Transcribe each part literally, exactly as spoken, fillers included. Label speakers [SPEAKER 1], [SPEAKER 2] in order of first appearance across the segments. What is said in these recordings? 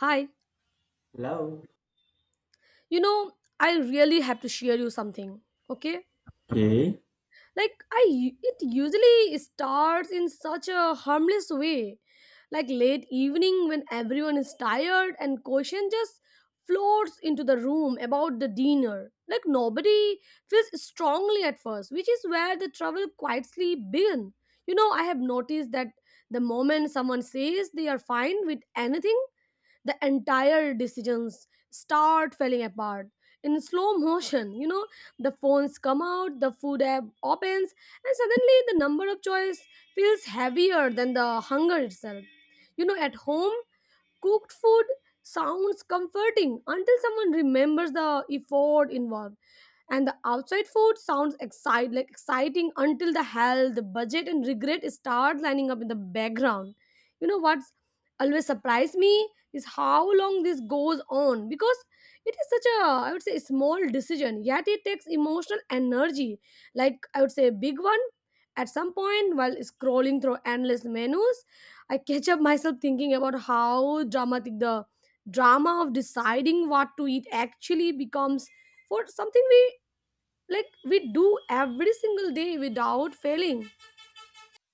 [SPEAKER 1] Hi.
[SPEAKER 2] Love.
[SPEAKER 1] You know, I really have to share you something, okay?
[SPEAKER 2] Okay.
[SPEAKER 1] Like I u- it usually starts in such a harmless way. Like late evening when everyone is tired and question just floats into the room about the dinner. Like nobody feels strongly at first, which is where the trouble quietly begin. You know, I have noticed that the moment someone says they are fine with anything, the entire decisions start falling apart in slow motion you know The phones come out, the food app opens, and suddenly the number of choice feels heavier than the hunger itself you know At home cooked food sounds comforting until someone remembers the effort involved, and the outside food sounds excite like exciting until the health, the budget and regret start lining up in the background. You know what's always surprised me is how long this goes on, because it is such a, I would say, small decision, yet it takes emotional energy like, I would say, a big one. At some point, while scrolling through endless menus, I catch up myself thinking about how dramatic the drama of deciding what to eat actually becomes for something we like we do every single day without failing.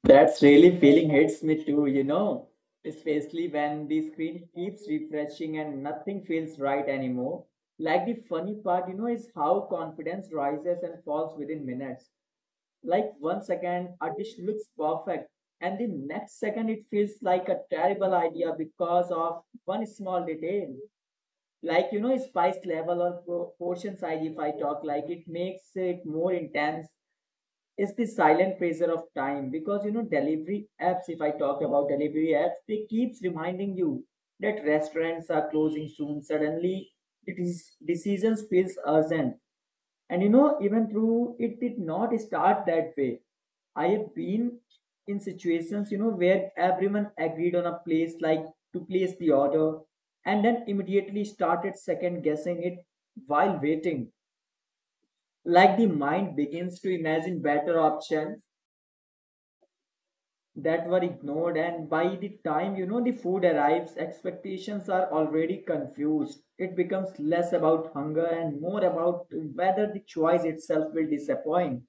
[SPEAKER 2] That's really feeling hits me too, you know, especially when the screen keeps refreshing and nothing feels right anymore. Like the funny part, you know, is how confidence rises and falls within minutes. Like one second, a dish looks perfect, and the next second, it feels like a terrible idea because of one small detail. Like, you know, spice level or pro- portion size, if I talk, like it makes it more intense is the silent pressure of time, because you know, delivery apps, if I talk about delivery apps they keeps reminding you that restaurants are closing soon. Suddenly it is decisions feels urgent. And you know, even through it did not start that way, I have been in situations, you know, where everyone agreed on a place, like to place the order, and then immediately started second guessing it while waiting. Like the mind begins to imagine better options that were ignored, and by the time, you know, the food arrives, expectations are already confused. It becomes less about hunger and more about whether the choice itself will disappoint.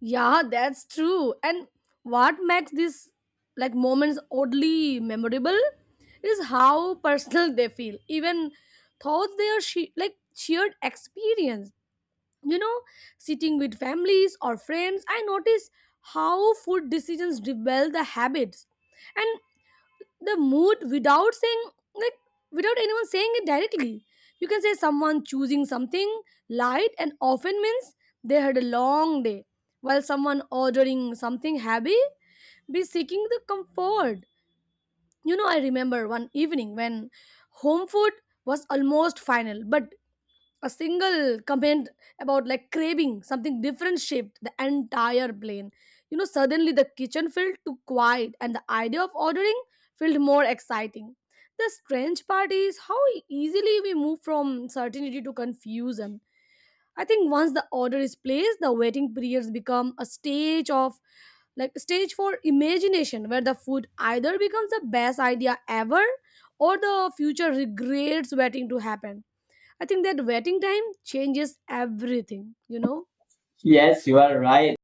[SPEAKER 1] Yeah, that's true. And what makes these, like, moments oddly memorable is how personal they feel, even thoughts they are she- like shared experience. You know, sitting with families or friends, I notice how food decisions rebel the habits and the mood without saying like without anyone saying it directly. You can say someone choosing something light and often means they had a long day, while someone ordering something heavy be seeking the comfort. You know, I remember one evening when home food was almost final, but a single comment about, like, craving something different shaped the entire plane. You know, suddenly the kitchen felt too quiet and the idea of ordering felt more exciting. The strange part is how easily we move from certainty to confusion. I think once the order is placed, the waiting periods become a stage of like stage for imagination, where the food either becomes the best idea ever or the future regrets waiting to happen. I think that waiting time changes everything, you know?
[SPEAKER 2] Yes, you are right.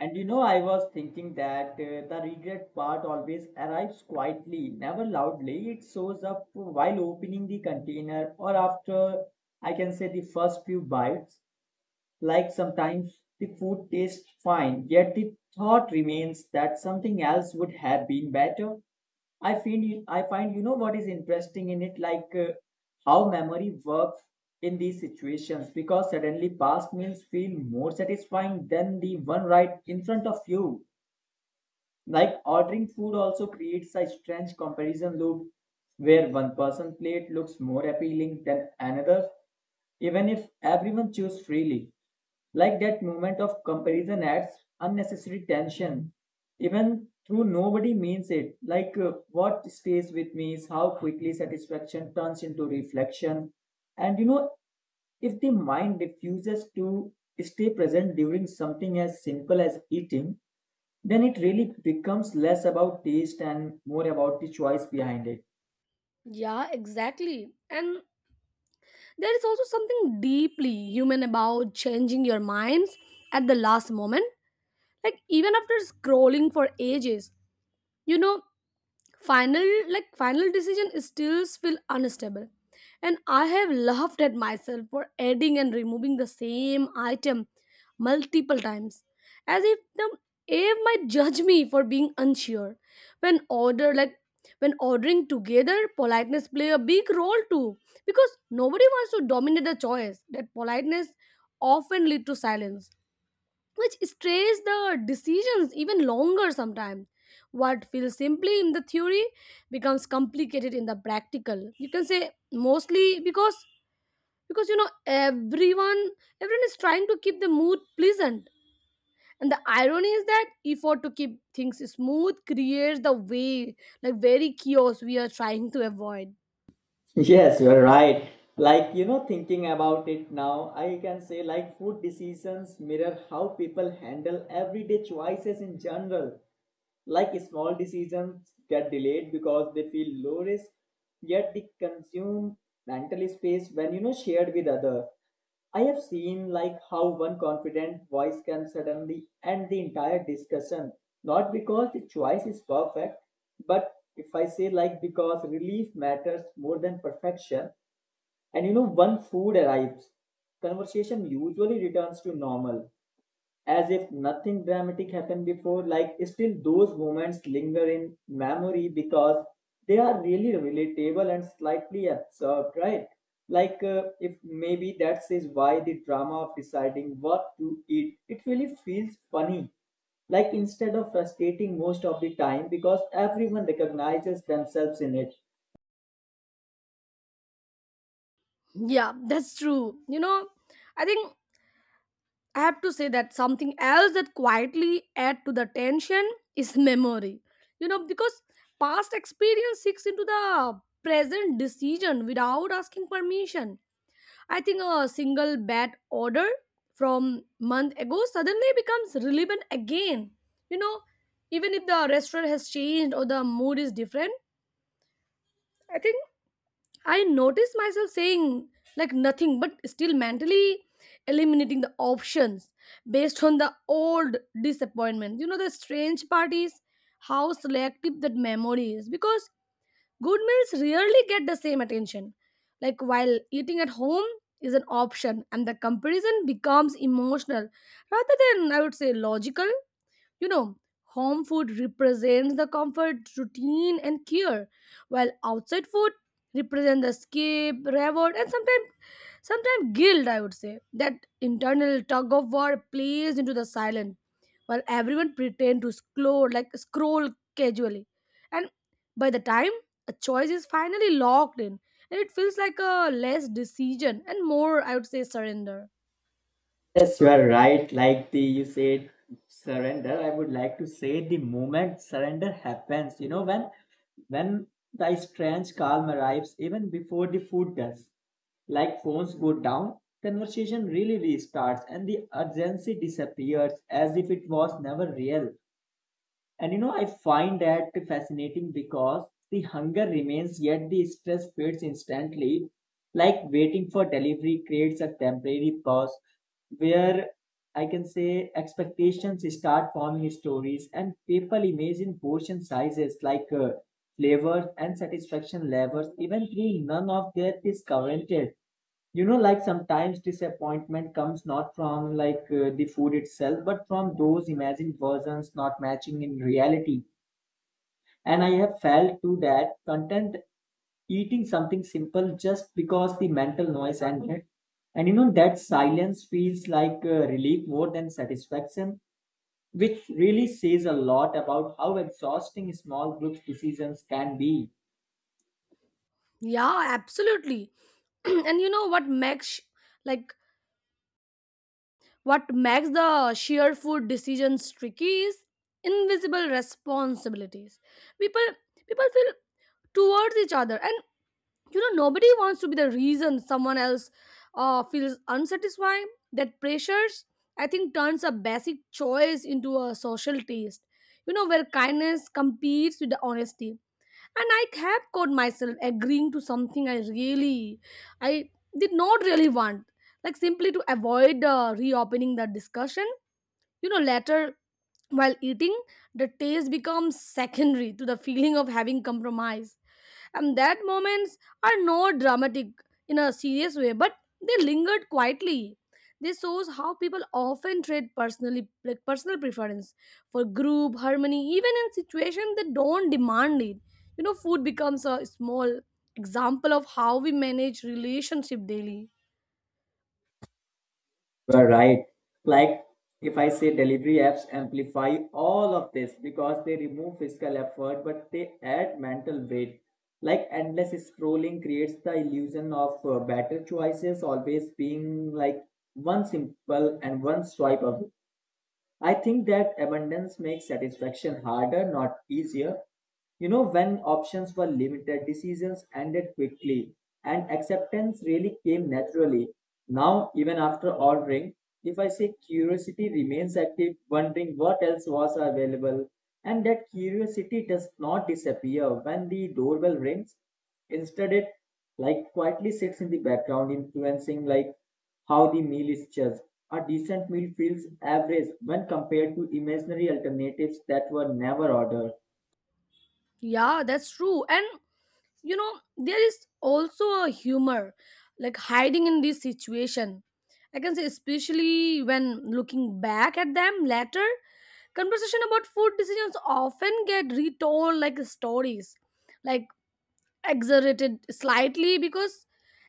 [SPEAKER 2] And you know, I was thinking that uh, the regret part always arrives quietly, never loudly. It shows up while opening the container, or after I can say the first few bites. Like sometimes the food tastes fine, yet the thought remains that something else would have been better. I find I find you know what is interesting in it, like uh, how memory works in these situations, because suddenly past meals feel more satisfying than the one right in front of you. Like ordering food also creates a strange comparison loop where one person plate looks more appealing than another, even if everyone chooses freely. Like that moment of comparison adds unnecessary tension, even through nobody means it. Like uh, what stays with me is how quickly satisfaction turns into reflection. And you know, if the mind refuses to stay present during something as simple as eating, then it really becomes less about taste and more about the choice behind it.
[SPEAKER 1] Yeah, exactly. And there is also something deeply human about changing your minds at the last moment. Like, even after scrolling for ages, you know, final like final decision still feel unstable, and I have laughed at myself for adding and removing the same item multiple times, as if the air might judge me for being unsure. When order like when ordering together, politeness play a big role too, because nobody wants to dominate the choice. That politeness often lead to silence, which strays the decisions even longer sometimes. What feels simply in the theory becomes complicated in the practical. You can say mostly because because you know everyone everyone is trying to keep the mood pleasant. And the irony is that effort to keep things smooth creates the way, like, very chaos we are trying to avoid.
[SPEAKER 2] Yes, you're right. Like, you know, thinking about it now, I can say like food decisions mirror how people handle everyday choices in general. Like small decisions get delayed because they feel low risk, yet they consume mental space when, you know, shared with others. I have seen like how one confident voice can suddenly end the entire discussion, not because the choice is perfect, but if I say like because relief matters more than perfection. And you know, one food arrives, conversation usually returns to normal, as if nothing dramatic happened before. Like still those moments linger in memory, because they are really relatable and slightly absurd, right? Like uh, if maybe that is why the drama of deciding what to eat it really feels funny, like instead of frustrating most of the time, because everyone recognizes themselves in it.
[SPEAKER 1] Yeah, that's true. You know, I think I have to say that something else that quietly add to the tension is memory. You know, because past experience seeks into the present decision without asking permission. I think a single bad order from month ago suddenly becomes relevant again. You know, even if the restaurant has changed or the mood is different, I think I noticed myself saying like nothing, but still mentally eliminating the options based on the old disappointment. You know, the strange part is how selective that memory is, because good meals rarely get the same attention. Like, while eating at home is an option, and the comparison becomes emotional rather than, I would say, logical. You know, home food represents the comfort, routine, and care, while outside food represents the escape, reward, and sometimes sometimes guilt, I would say. That internal tug of war plays into the silent, while everyone pretend to scroll like scroll casually. And by the time a choice is finally locked in, and it feels like a less decision and more, I would say, surrender.
[SPEAKER 2] Yes, you are right. Like the you said surrender, I would like to say the moment surrender happens, you know, when when the strange calm arrives, even before the food does. Like phones go down, conversation really restarts, and the urgency disappears as if it was never real. And you know, I find that fascinating because the hunger remains, yet the stress fades instantly. Like waiting for delivery creates a temporary pause where I can say expectations start forming stories, and people imagine portion sizes, like uh, flavors and satisfaction levels, even though none of that is counted. You know, like sometimes disappointment comes not from like uh, the food itself, but from those imagined versions not matching in reality. And I have felt too that content eating something simple just because the mental noise ended. And you know, that silence feels like a relief more than satisfaction, which really says a lot about how exhausting small group decisions can be.
[SPEAKER 1] Yeah, absolutely. And you know what makes sh- like what makes the shared food decisions tricky is invisible responsibilities. People people feel towards each other, and you know nobody wants to be the reason someone else uh, feels unsatisfied. That pressures, I think, turns a basic choice into a social taste, you know, where kindness competes with the honesty. And I have caught myself agreeing to something i really i did not really want, like, simply to avoid uh, reopening the discussion, you know. Later, while eating, the taste becomes secondary to the feeling of having compromised, and that moments are not dramatic in a serious way, but they lingered quietly. This shows how people often trade personally like personal preference for group harmony, even in situations that don't demand it. You know, food becomes a small example of how we manage relationship daily.
[SPEAKER 2] You're right. Like if I say delivery apps amplify all of this because they remove physical effort, but they add mental weight. Like endless scrolling creates the illusion of uh, better choices always being like one simple and one swipe away. I think that abundance makes satisfaction harder, not easier. You know, when options were limited, decisions ended quickly, and acceptance really came naturally. Now, even after ordering, if I say curiosity remains active, wondering what else was available, and that curiosity does not disappear when the doorbell rings. Instead, it like quietly sits in the background, influencing like how the meal is judged. A decent meal feels average when compared to imaginary alternatives that were never ordered.
[SPEAKER 1] Yeah, that's true. And you know there is also a humor, like, hiding in this situation, I can say, especially when looking back at them later. Conversation about food decisions often get retold like stories, like, exaggerated slightly because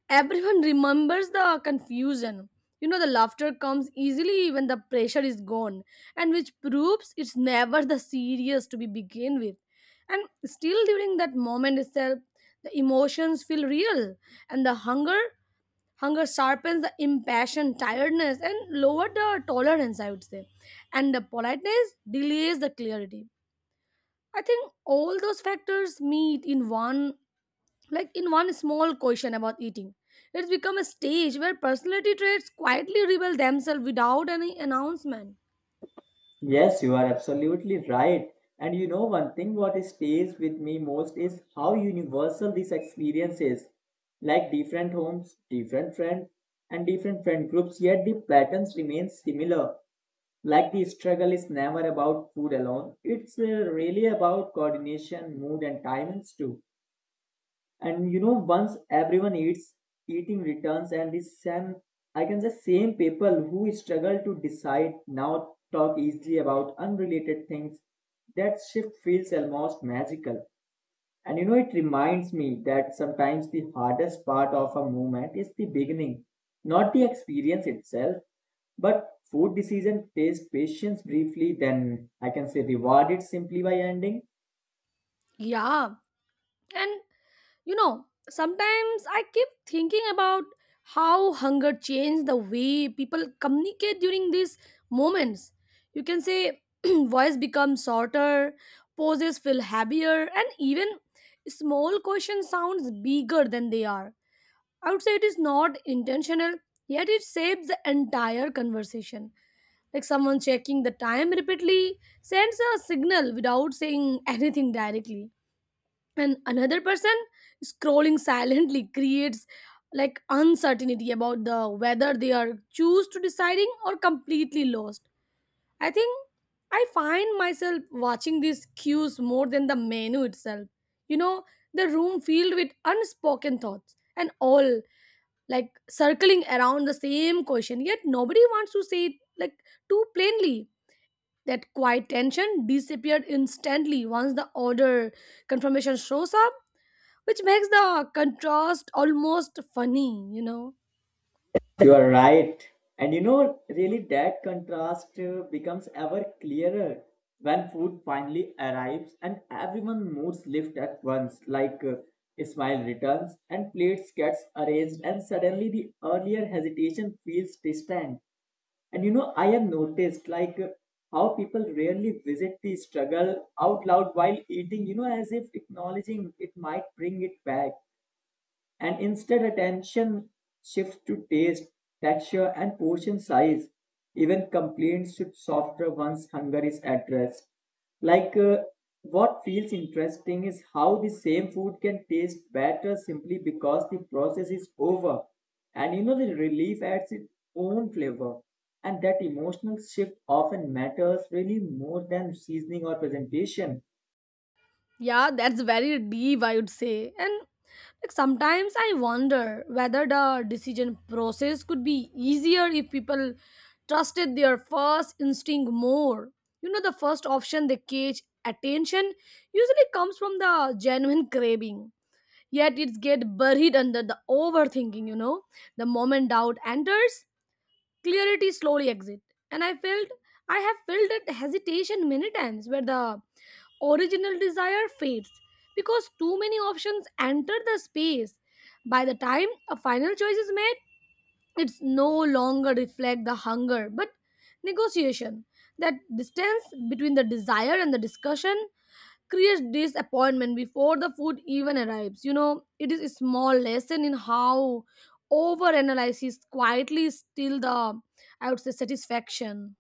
[SPEAKER 1] everyone remembers the confusion. You know, the laughter comes easily when the pressure is gone, and which proves it's never the serious to be begin with. And still, during that moment itself, the emotions feel real, and the hunger hunger sharpens the impassioned tiredness and lower the tolerance, I would say, and the politeness delays the clarity. I think all those factors meet in one like in one small question about eating. It's become a stage where personality traits quietly reveal themselves without any announcement.
[SPEAKER 2] Yes, you are absolutely right. And you know, one thing what stays with me most is how universal this experience is. Like different homes, different friends, and different friend groups, yet the patterns remain similar. Like the struggle is never about food alone, it's uh, really about coordination, mood, and timings too. And you know, once everyone eats, eating returns, and this same I can say same people who struggle to decide now talk easily about unrelated things. That shift feels almost magical. And you know, it reminds me that sometimes the hardest part of a movement is the beginning, not the experience itself, but food decision pays patience briefly, then I can say reward it simply by ending.
[SPEAKER 1] Yeah. And you know, sometimes I keep thinking about how hunger changed the way people communicate during these moments. You can say voice becomes shorter, poses feel heavier, and even small questions sounds bigger than they are. I would say it is not intentional, yet it shapes the entire conversation. Like someone checking the time repeatedly sends a signal without saying anything directly. And another person scrolling silently creates, like, uncertainty about the whether they are choose to deciding or completely lost. I think I find myself watching these cues more than the menu itself. You know, the room filled with unspoken thoughts and all, like, circling around the same question, yet nobody wants to say it, like, too plainly. That quiet tension disappeared instantly once the order confirmation shows up, which makes the contrast almost funny, you know?
[SPEAKER 2] You are right. And you know, really, that contrast uh, becomes ever clearer when food finally arrives and everyone moves lift at once, like uh, a smile returns and plates gets arranged, and suddenly the earlier hesitation feels distant. And you know, I have noticed like uh, how people rarely visit the struggle out loud while eating, you know, as if acknowledging it might bring it back. And instead attention shifts to taste, texture, and portion size. Even complaints should softer once hunger is addressed. Like uh, what feels interesting is how the same food can taste better simply because the process is over. And you know, the relief adds its own flavor. And that emotional shift often matters really more than seasoning or presentation.
[SPEAKER 1] Yeah, that's very deep, I would say. And like sometimes I wonder whether the decision process could be easier if people trusted their first instinct more. You know, the first option they catch attention usually comes from the genuine craving, yet it gets buried under the overthinking, you know. The moment doubt enters, clarity slowly exits. And I felt I have felt that hesitation many times where the original desire fades because too many options enter the space. By the time a final choice is made, it's no longer reflect the hunger but negotiation. That distance between the desire and the discussion creates disappointment before the food even arrives. You know, it is a small lesson in how overanalysis quietly steal the, I would say, satisfaction.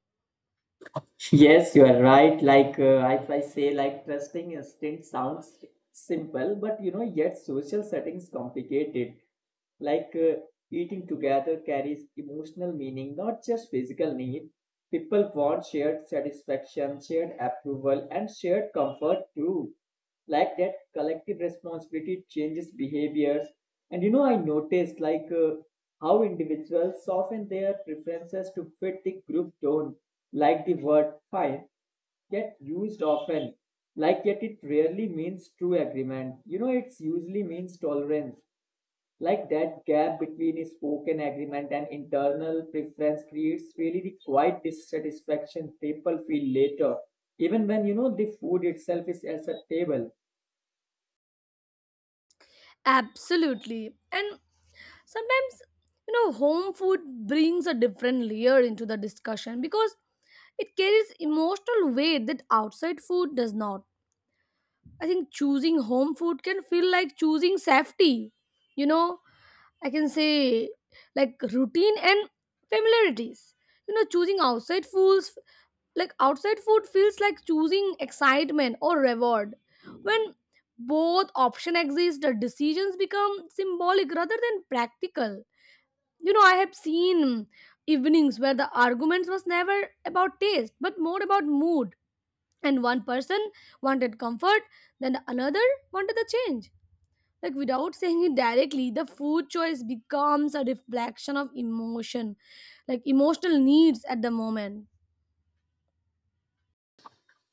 [SPEAKER 2] Yes, you are right. Like uh, if I say, like trusting instinct sounds simple, but you know, yet social settings complicate it. Like uh, eating together carries emotional meaning, not just physical need. People want shared satisfaction, shared approval, and shared comfort too. Like that collective responsibility changes behaviors. And you know, I noticed like uh, how individuals soften their preferences to fit the group tone. Like the word fine get used often, like yet it rarely means true agreement. You know, it's usually means tolerance. Like that gap between a spoken agreement and internal preference creates really the quiet dissatisfaction people feel later, even when, you know, the food itself is at the table.
[SPEAKER 1] Absolutely. And sometimes, you know, home food brings a different layer into the discussion, because it carries emotional weight that outside food does not. I think choosing home food can feel like choosing safety. You know, I can say, like, routine and familiarities. You know, choosing outside foods like outside food feels like choosing excitement or reward. When both option exist, the decisions become symbolic rather than practical. You know, I have seen evenings where the arguments was never about taste but more about mood, and one person wanted comfort, then another wanted the change. Like, without saying it directly, the food choice becomes a reflection of emotion, like emotional needs at the moment.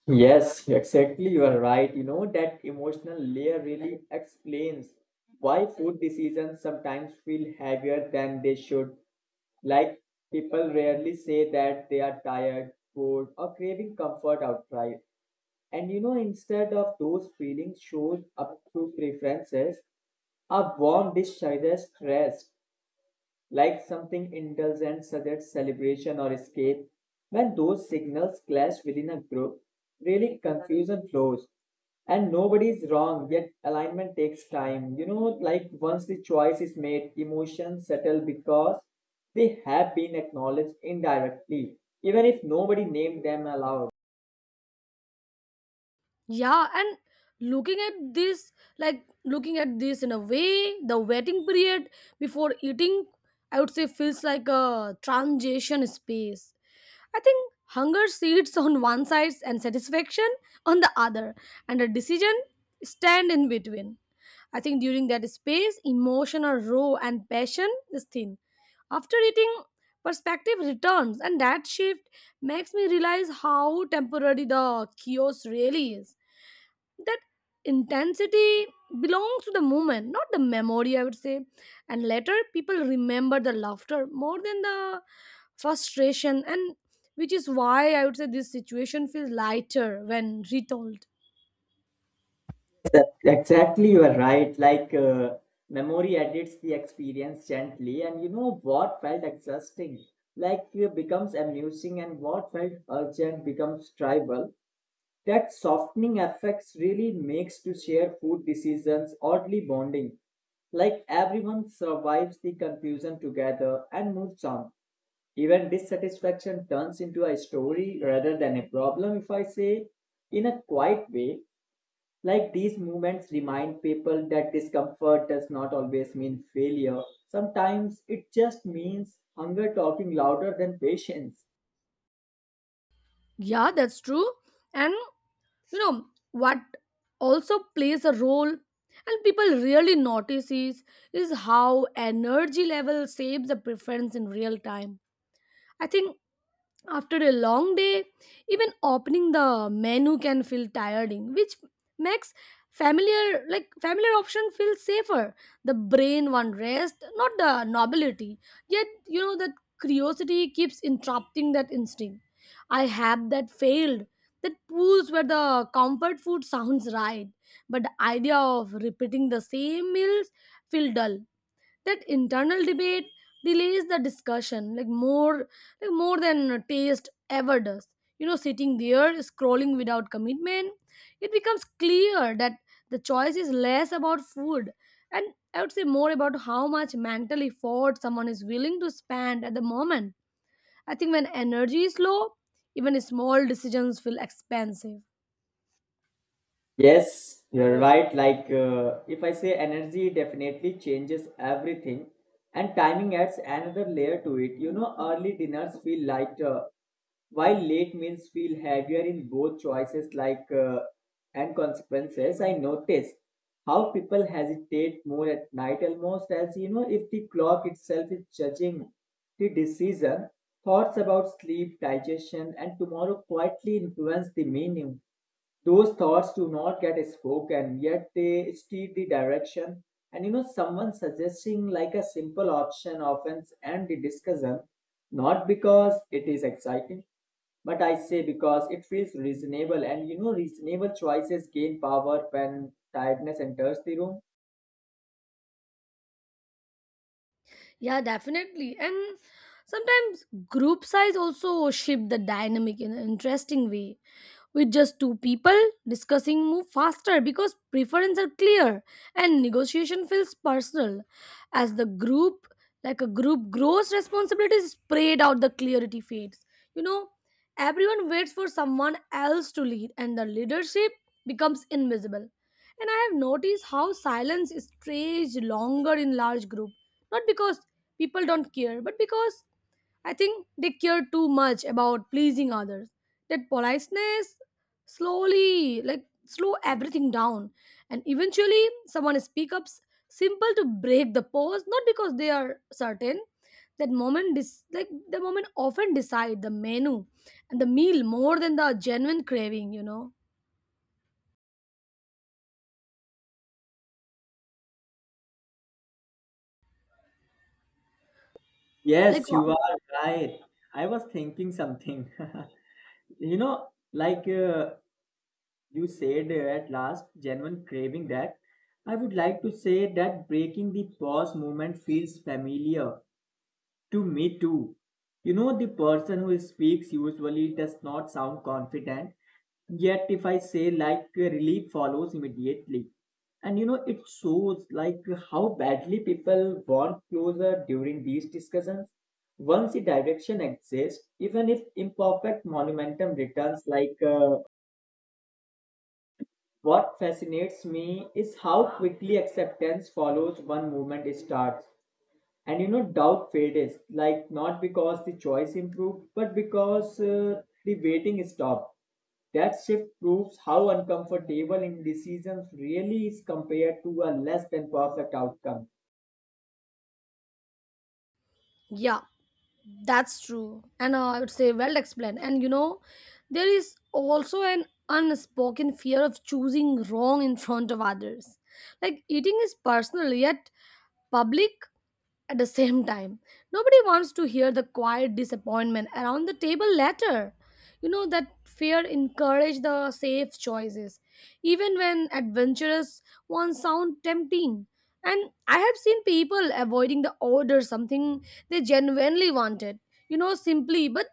[SPEAKER 2] Yes, exactly. You are right. You know, that emotional layer really explains why food decisions sometimes feel heavier than they should. Like, people rarely say that they are tired, bored, or craving comfort outright. And you know, instead of those feelings shows up through preferences, a warm dish suggests rest, like something indulgent such as celebration or escape. When those signals clash within a group, really confusion flows. And nobody is wrong, yet alignment takes time. You know, like once the choice is made, emotions settle because they have been acknowledged indirectly, even if nobody named them aloud.
[SPEAKER 1] Yeah. And looking at this like looking at this in a way, the waiting period before eating, I would say, feels like a transition space. I think hunger sits on one side and satisfaction on the other, and a decision stand in between. I think during that space, emotion are raw and passion is thin. After eating, perspective returns, and that shift makes me realize how temporary the chaos really is. That intensity belongs to the moment, not the memory, I would say. And later, people remember the laughter more than the frustration, and which is why I would say this situation feels lighter when retold.
[SPEAKER 2] That- exactly, you are right. Like uh, memory edits the experience gently, and you know what felt exhausting, like it becomes amusing, and what felt urgent becomes tribal. That softening effects really makes to share food decisions oddly bonding. Like everyone survives the confusion together and moves on. Even dissatisfaction turns into a story rather than a problem, if I say in a quiet way. Like these movements remind people that discomfort does not always mean failure. Sometimes it just means hunger talking louder than patience.
[SPEAKER 1] Yeah, that's true. And So, you know what also plays a role and people really notice is is how energy level shapes the preference in real time, I think. After a long day, even opening the menu can feel tiring, which makes familiar like familiar option feel safer. The brain wants rest, not the nobility. Yet you know that curiosity keeps interrupting that instinct. I have that failed. That pools where the comfort food sounds right, but the idea of repeating the same meals feel dull. That internal debate delays the discussion like more like more than taste ever does. You know sitting there scrolling without commitment, it becomes clear that the choice is less about food, and I would say more about how much mental effort someone is willing to spend at the moment. I think when energy is low, even small decisions feel expensive.
[SPEAKER 2] Yes, you're right. Like, uh, if I say energy definitely changes everything, and timing adds another layer to it. You know, early dinners feel lighter, while late meals feel heavier in both choices, like uh, and consequences. I notice how people hesitate more at night, almost as you know, if the clock itself is judging the decision. Thoughts about sleep, digestion, and tomorrow quietly influence the meaning. Those thoughts do not get spoken, yet they steer the direction. And you know, someone suggesting like a simple option often ends the discussion, not because it is exciting, but I say because it feels reasonable. And you know, reasonable choices gain power when tiredness enters the room.
[SPEAKER 1] Yeah, definitely. And sometimes group size also shift the dynamic in an interesting way. With just two people, discussing move faster because preferences are clear and negotiation feels personal. As the group, like a group grows, responsibilities spread out, the clarity fades. You know, everyone waits for someone else to lead and the leadership becomes invisible. And I have noticed how silence is stretched longer in large group, not because people don't care, but because I think they care too much about pleasing others. That politeness slowly, like, slow everything down. And eventually, someone speaks up s- simple to break the pause, not because they are certain. That moment, dis- like, The moment often decide the menu and the meal more than the genuine craving, you know? Like,
[SPEAKER 2] Yes,
[SPEAKER 1] uh,
[SPEAKER 2] you are right. I was thinking something. You know, like uh, you said uh, at last, genuine craving that. I would like to say that breaking the pause moment feels familiar to me too. You know, the person who speaks usually does not sound confident, yet, if I say like uh, relief follows immediately. And you know, it shows like how badly people want closer during these discussions. Once the direction exists, even if imperfect momentum returns, like uh, what fascinates me is how quickly acceptance follows one movement starts. And you know, doubt fades, like not because the choice improved, but because uh, the waiting stopped. That shift proves how uncomfortable indecision really is compared to a less than perfect outcome.
[SPEAKER 1] yeah. That's true. And uh, I would say well explained. And you know, there is also an unspoken fear of choosing wrong in front of others. Like eating is personal, yet public at the same time, nobody wants to hear the quiet disappointment around the table later. You know that fear encourages the safe choices, even when adventurous ones sound tempting. And I have seen people avoiding the order something they genuinely wanted, you know, simply but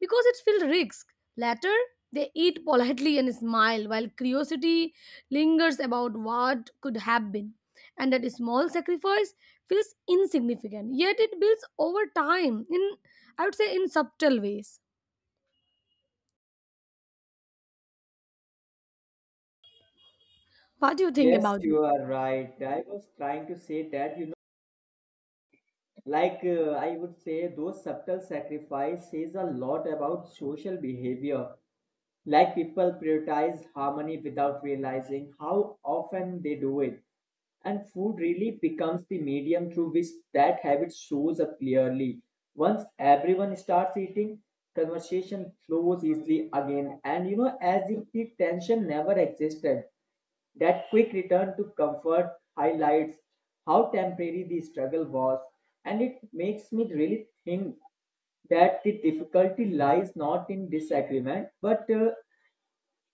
[SPEAKER 1] because it feels risk. Later, they eat politely and smile while curiosity lingers about what could have been. And that small sacrifice feels insignificant, yet it builds over time in, I would say, in subtle ways. What do you think
[SPEAKER 2] Yes,
[SPEAKER 1] about it?
[SPEAKER 2] you are right. I was trying to say that, you know, like uh, I would say, those subtle sacrifices says a lot about social behavior. Like people prioritize harmony without realizing how often they do it. And food really becomes the medium through which that habit shows up clearly. Once everyone starts eating, conversation flows easily again, and you know, as if the tension never existed. That quick return to comfort highlights how temporary the struggle was, and it makes me really think that the difficulty lies not in disagreement, but uh,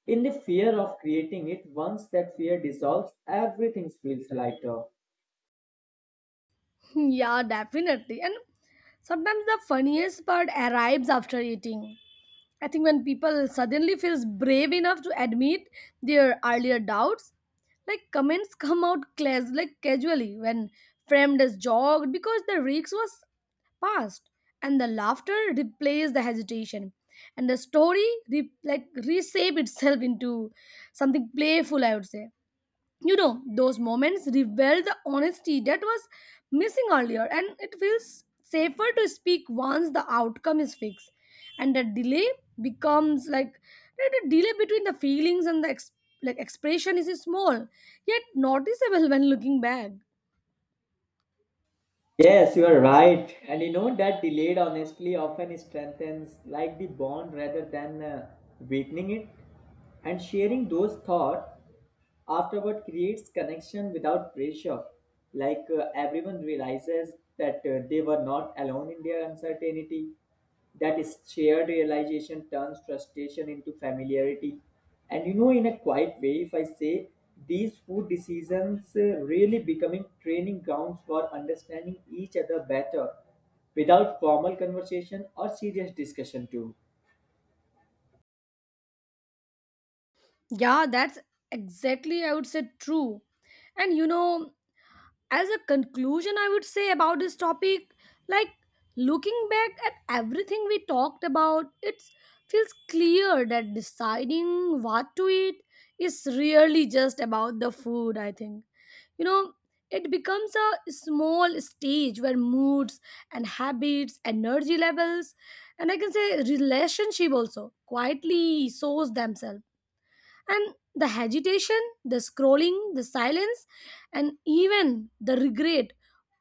[SPEAKER 2] in the fear of creating it. Once that fear dissolves, everything feels lighter.
[SPEAKER 1] Yeah, definitely. And sometimes the funniest part arrives after eating. I think when people suddenly feels brave enough to admit their earlier doubts, like comments come out clas- like casually when framed as jogged because the risk was past, and the laughter replaced the hesitation, and the story re- like reshape itself into something playful, I would say. You know, those moments reveal the honesty that was missing earlier, and it feels safer to speak once the outcome is fixed. And the delay becomes like the delay between the feelings and the ex- like expression is small, yet noticeable when looking back.
[SPEAKER 2] Yes, you are right. And you know, that delayed honestly often strengthens like the bond rather than uh, weakening it. And sharing those thoughts afterward creates connection without pressure. Like uh, everyone realizes that uh, they were not alone in their uncertainty. That is shared realization turns frustration into familiarity. And you know, in a quiet way, if I say these food decisions uh, really becoming training grounds for understanding each other better without formal conversation or serious discussion, too.
[SPEAKER 1] Yeah, that's exactly, I would say, true. And you know, as a conclusion I would say about this topic, like, looking back at everything we talked about, it feels clear that deciding what to eat is really just about the food, I think. You know, it becomes a small stage where moods and habits, energy levels, and I can say relationship also quietly shows themselves. And the agitation, the scrolling, the silence, and even the regret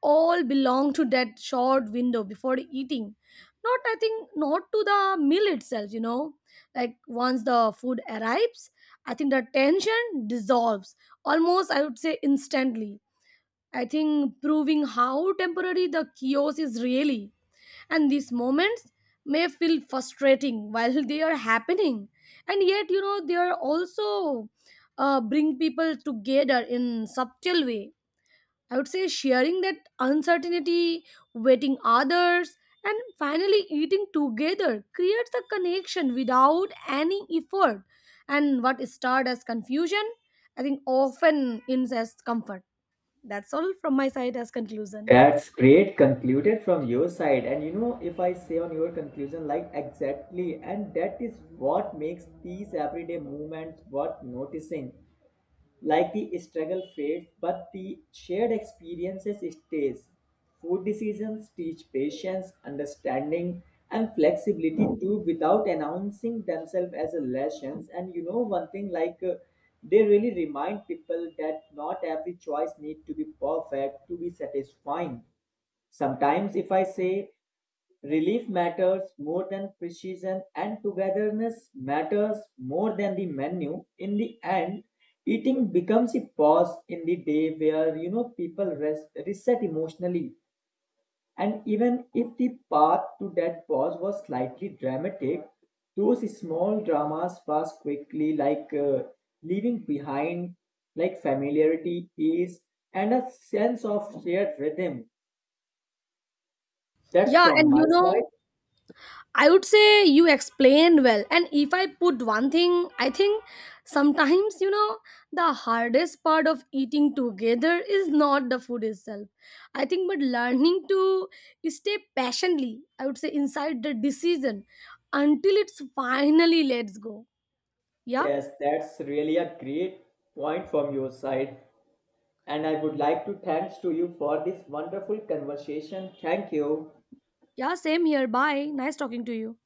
[SPEAKER 1] all belong to that short window before eating. Not, I think, not to the meal itself, you know. Like once the food arrives, I think the tension dissolves almost, I would say, instantly. I think proving how temporary the chaos is really. And these moments may feel frustrating while they are happening, and yet you know they are also, uh, bring people together in subtle way, I would say. Sharing that uncertainty, waiting others, and finally eating together creates a connection without any effort. And what started as confusion, I think, often ends as comfort. That's all from my side as conclusion.
[SPEAKER 2] That's great concluded from your side. And you know, if I say on your conclusion, like exactly, and that is what makes these everyday movements worth noticing. Like the struggle fades, but the shared experiences stays. Food decisions teach patience, understanding, and flexibility too without announcing themselves as a lessons. And you know, one thing like uh, they really remind people that not every choice need to be perfect to be satisfying. Sometimes, if I say relief matters more than precision, and togetherness matters more than the menu. In the end, eating becomes a pause in the day where you know people rest, reset emotionally. And even if the path to that pause was slightly dramatic, those small dramas pass quickly, like uh, leaving behind like familiarity, ease, and a sense of shared rhythm. That's
[SPEAKER 1] Yeah,
[SPEAKER 2] from
[SPEAKER 1] and
[SPEAKER 2] my
[SPEAKER 1] you know,
[SPEAKER 2] side.
[SPEAKER 1] I would say you explained well. And if I put one thing, I think sometimes, you know, the hardest part of eating together is not the food itself, I think, but learning to stay patiently, I would say, inside the decision until it's finally lets go. Yeah.
[SPEAKER 2] Yes, that's really a great point from your side. And I would like to thanks to you for this wonderful conversation. Thank you.
[SPEAKER 1] Yeah. Same here. Bye. Nice talking to you.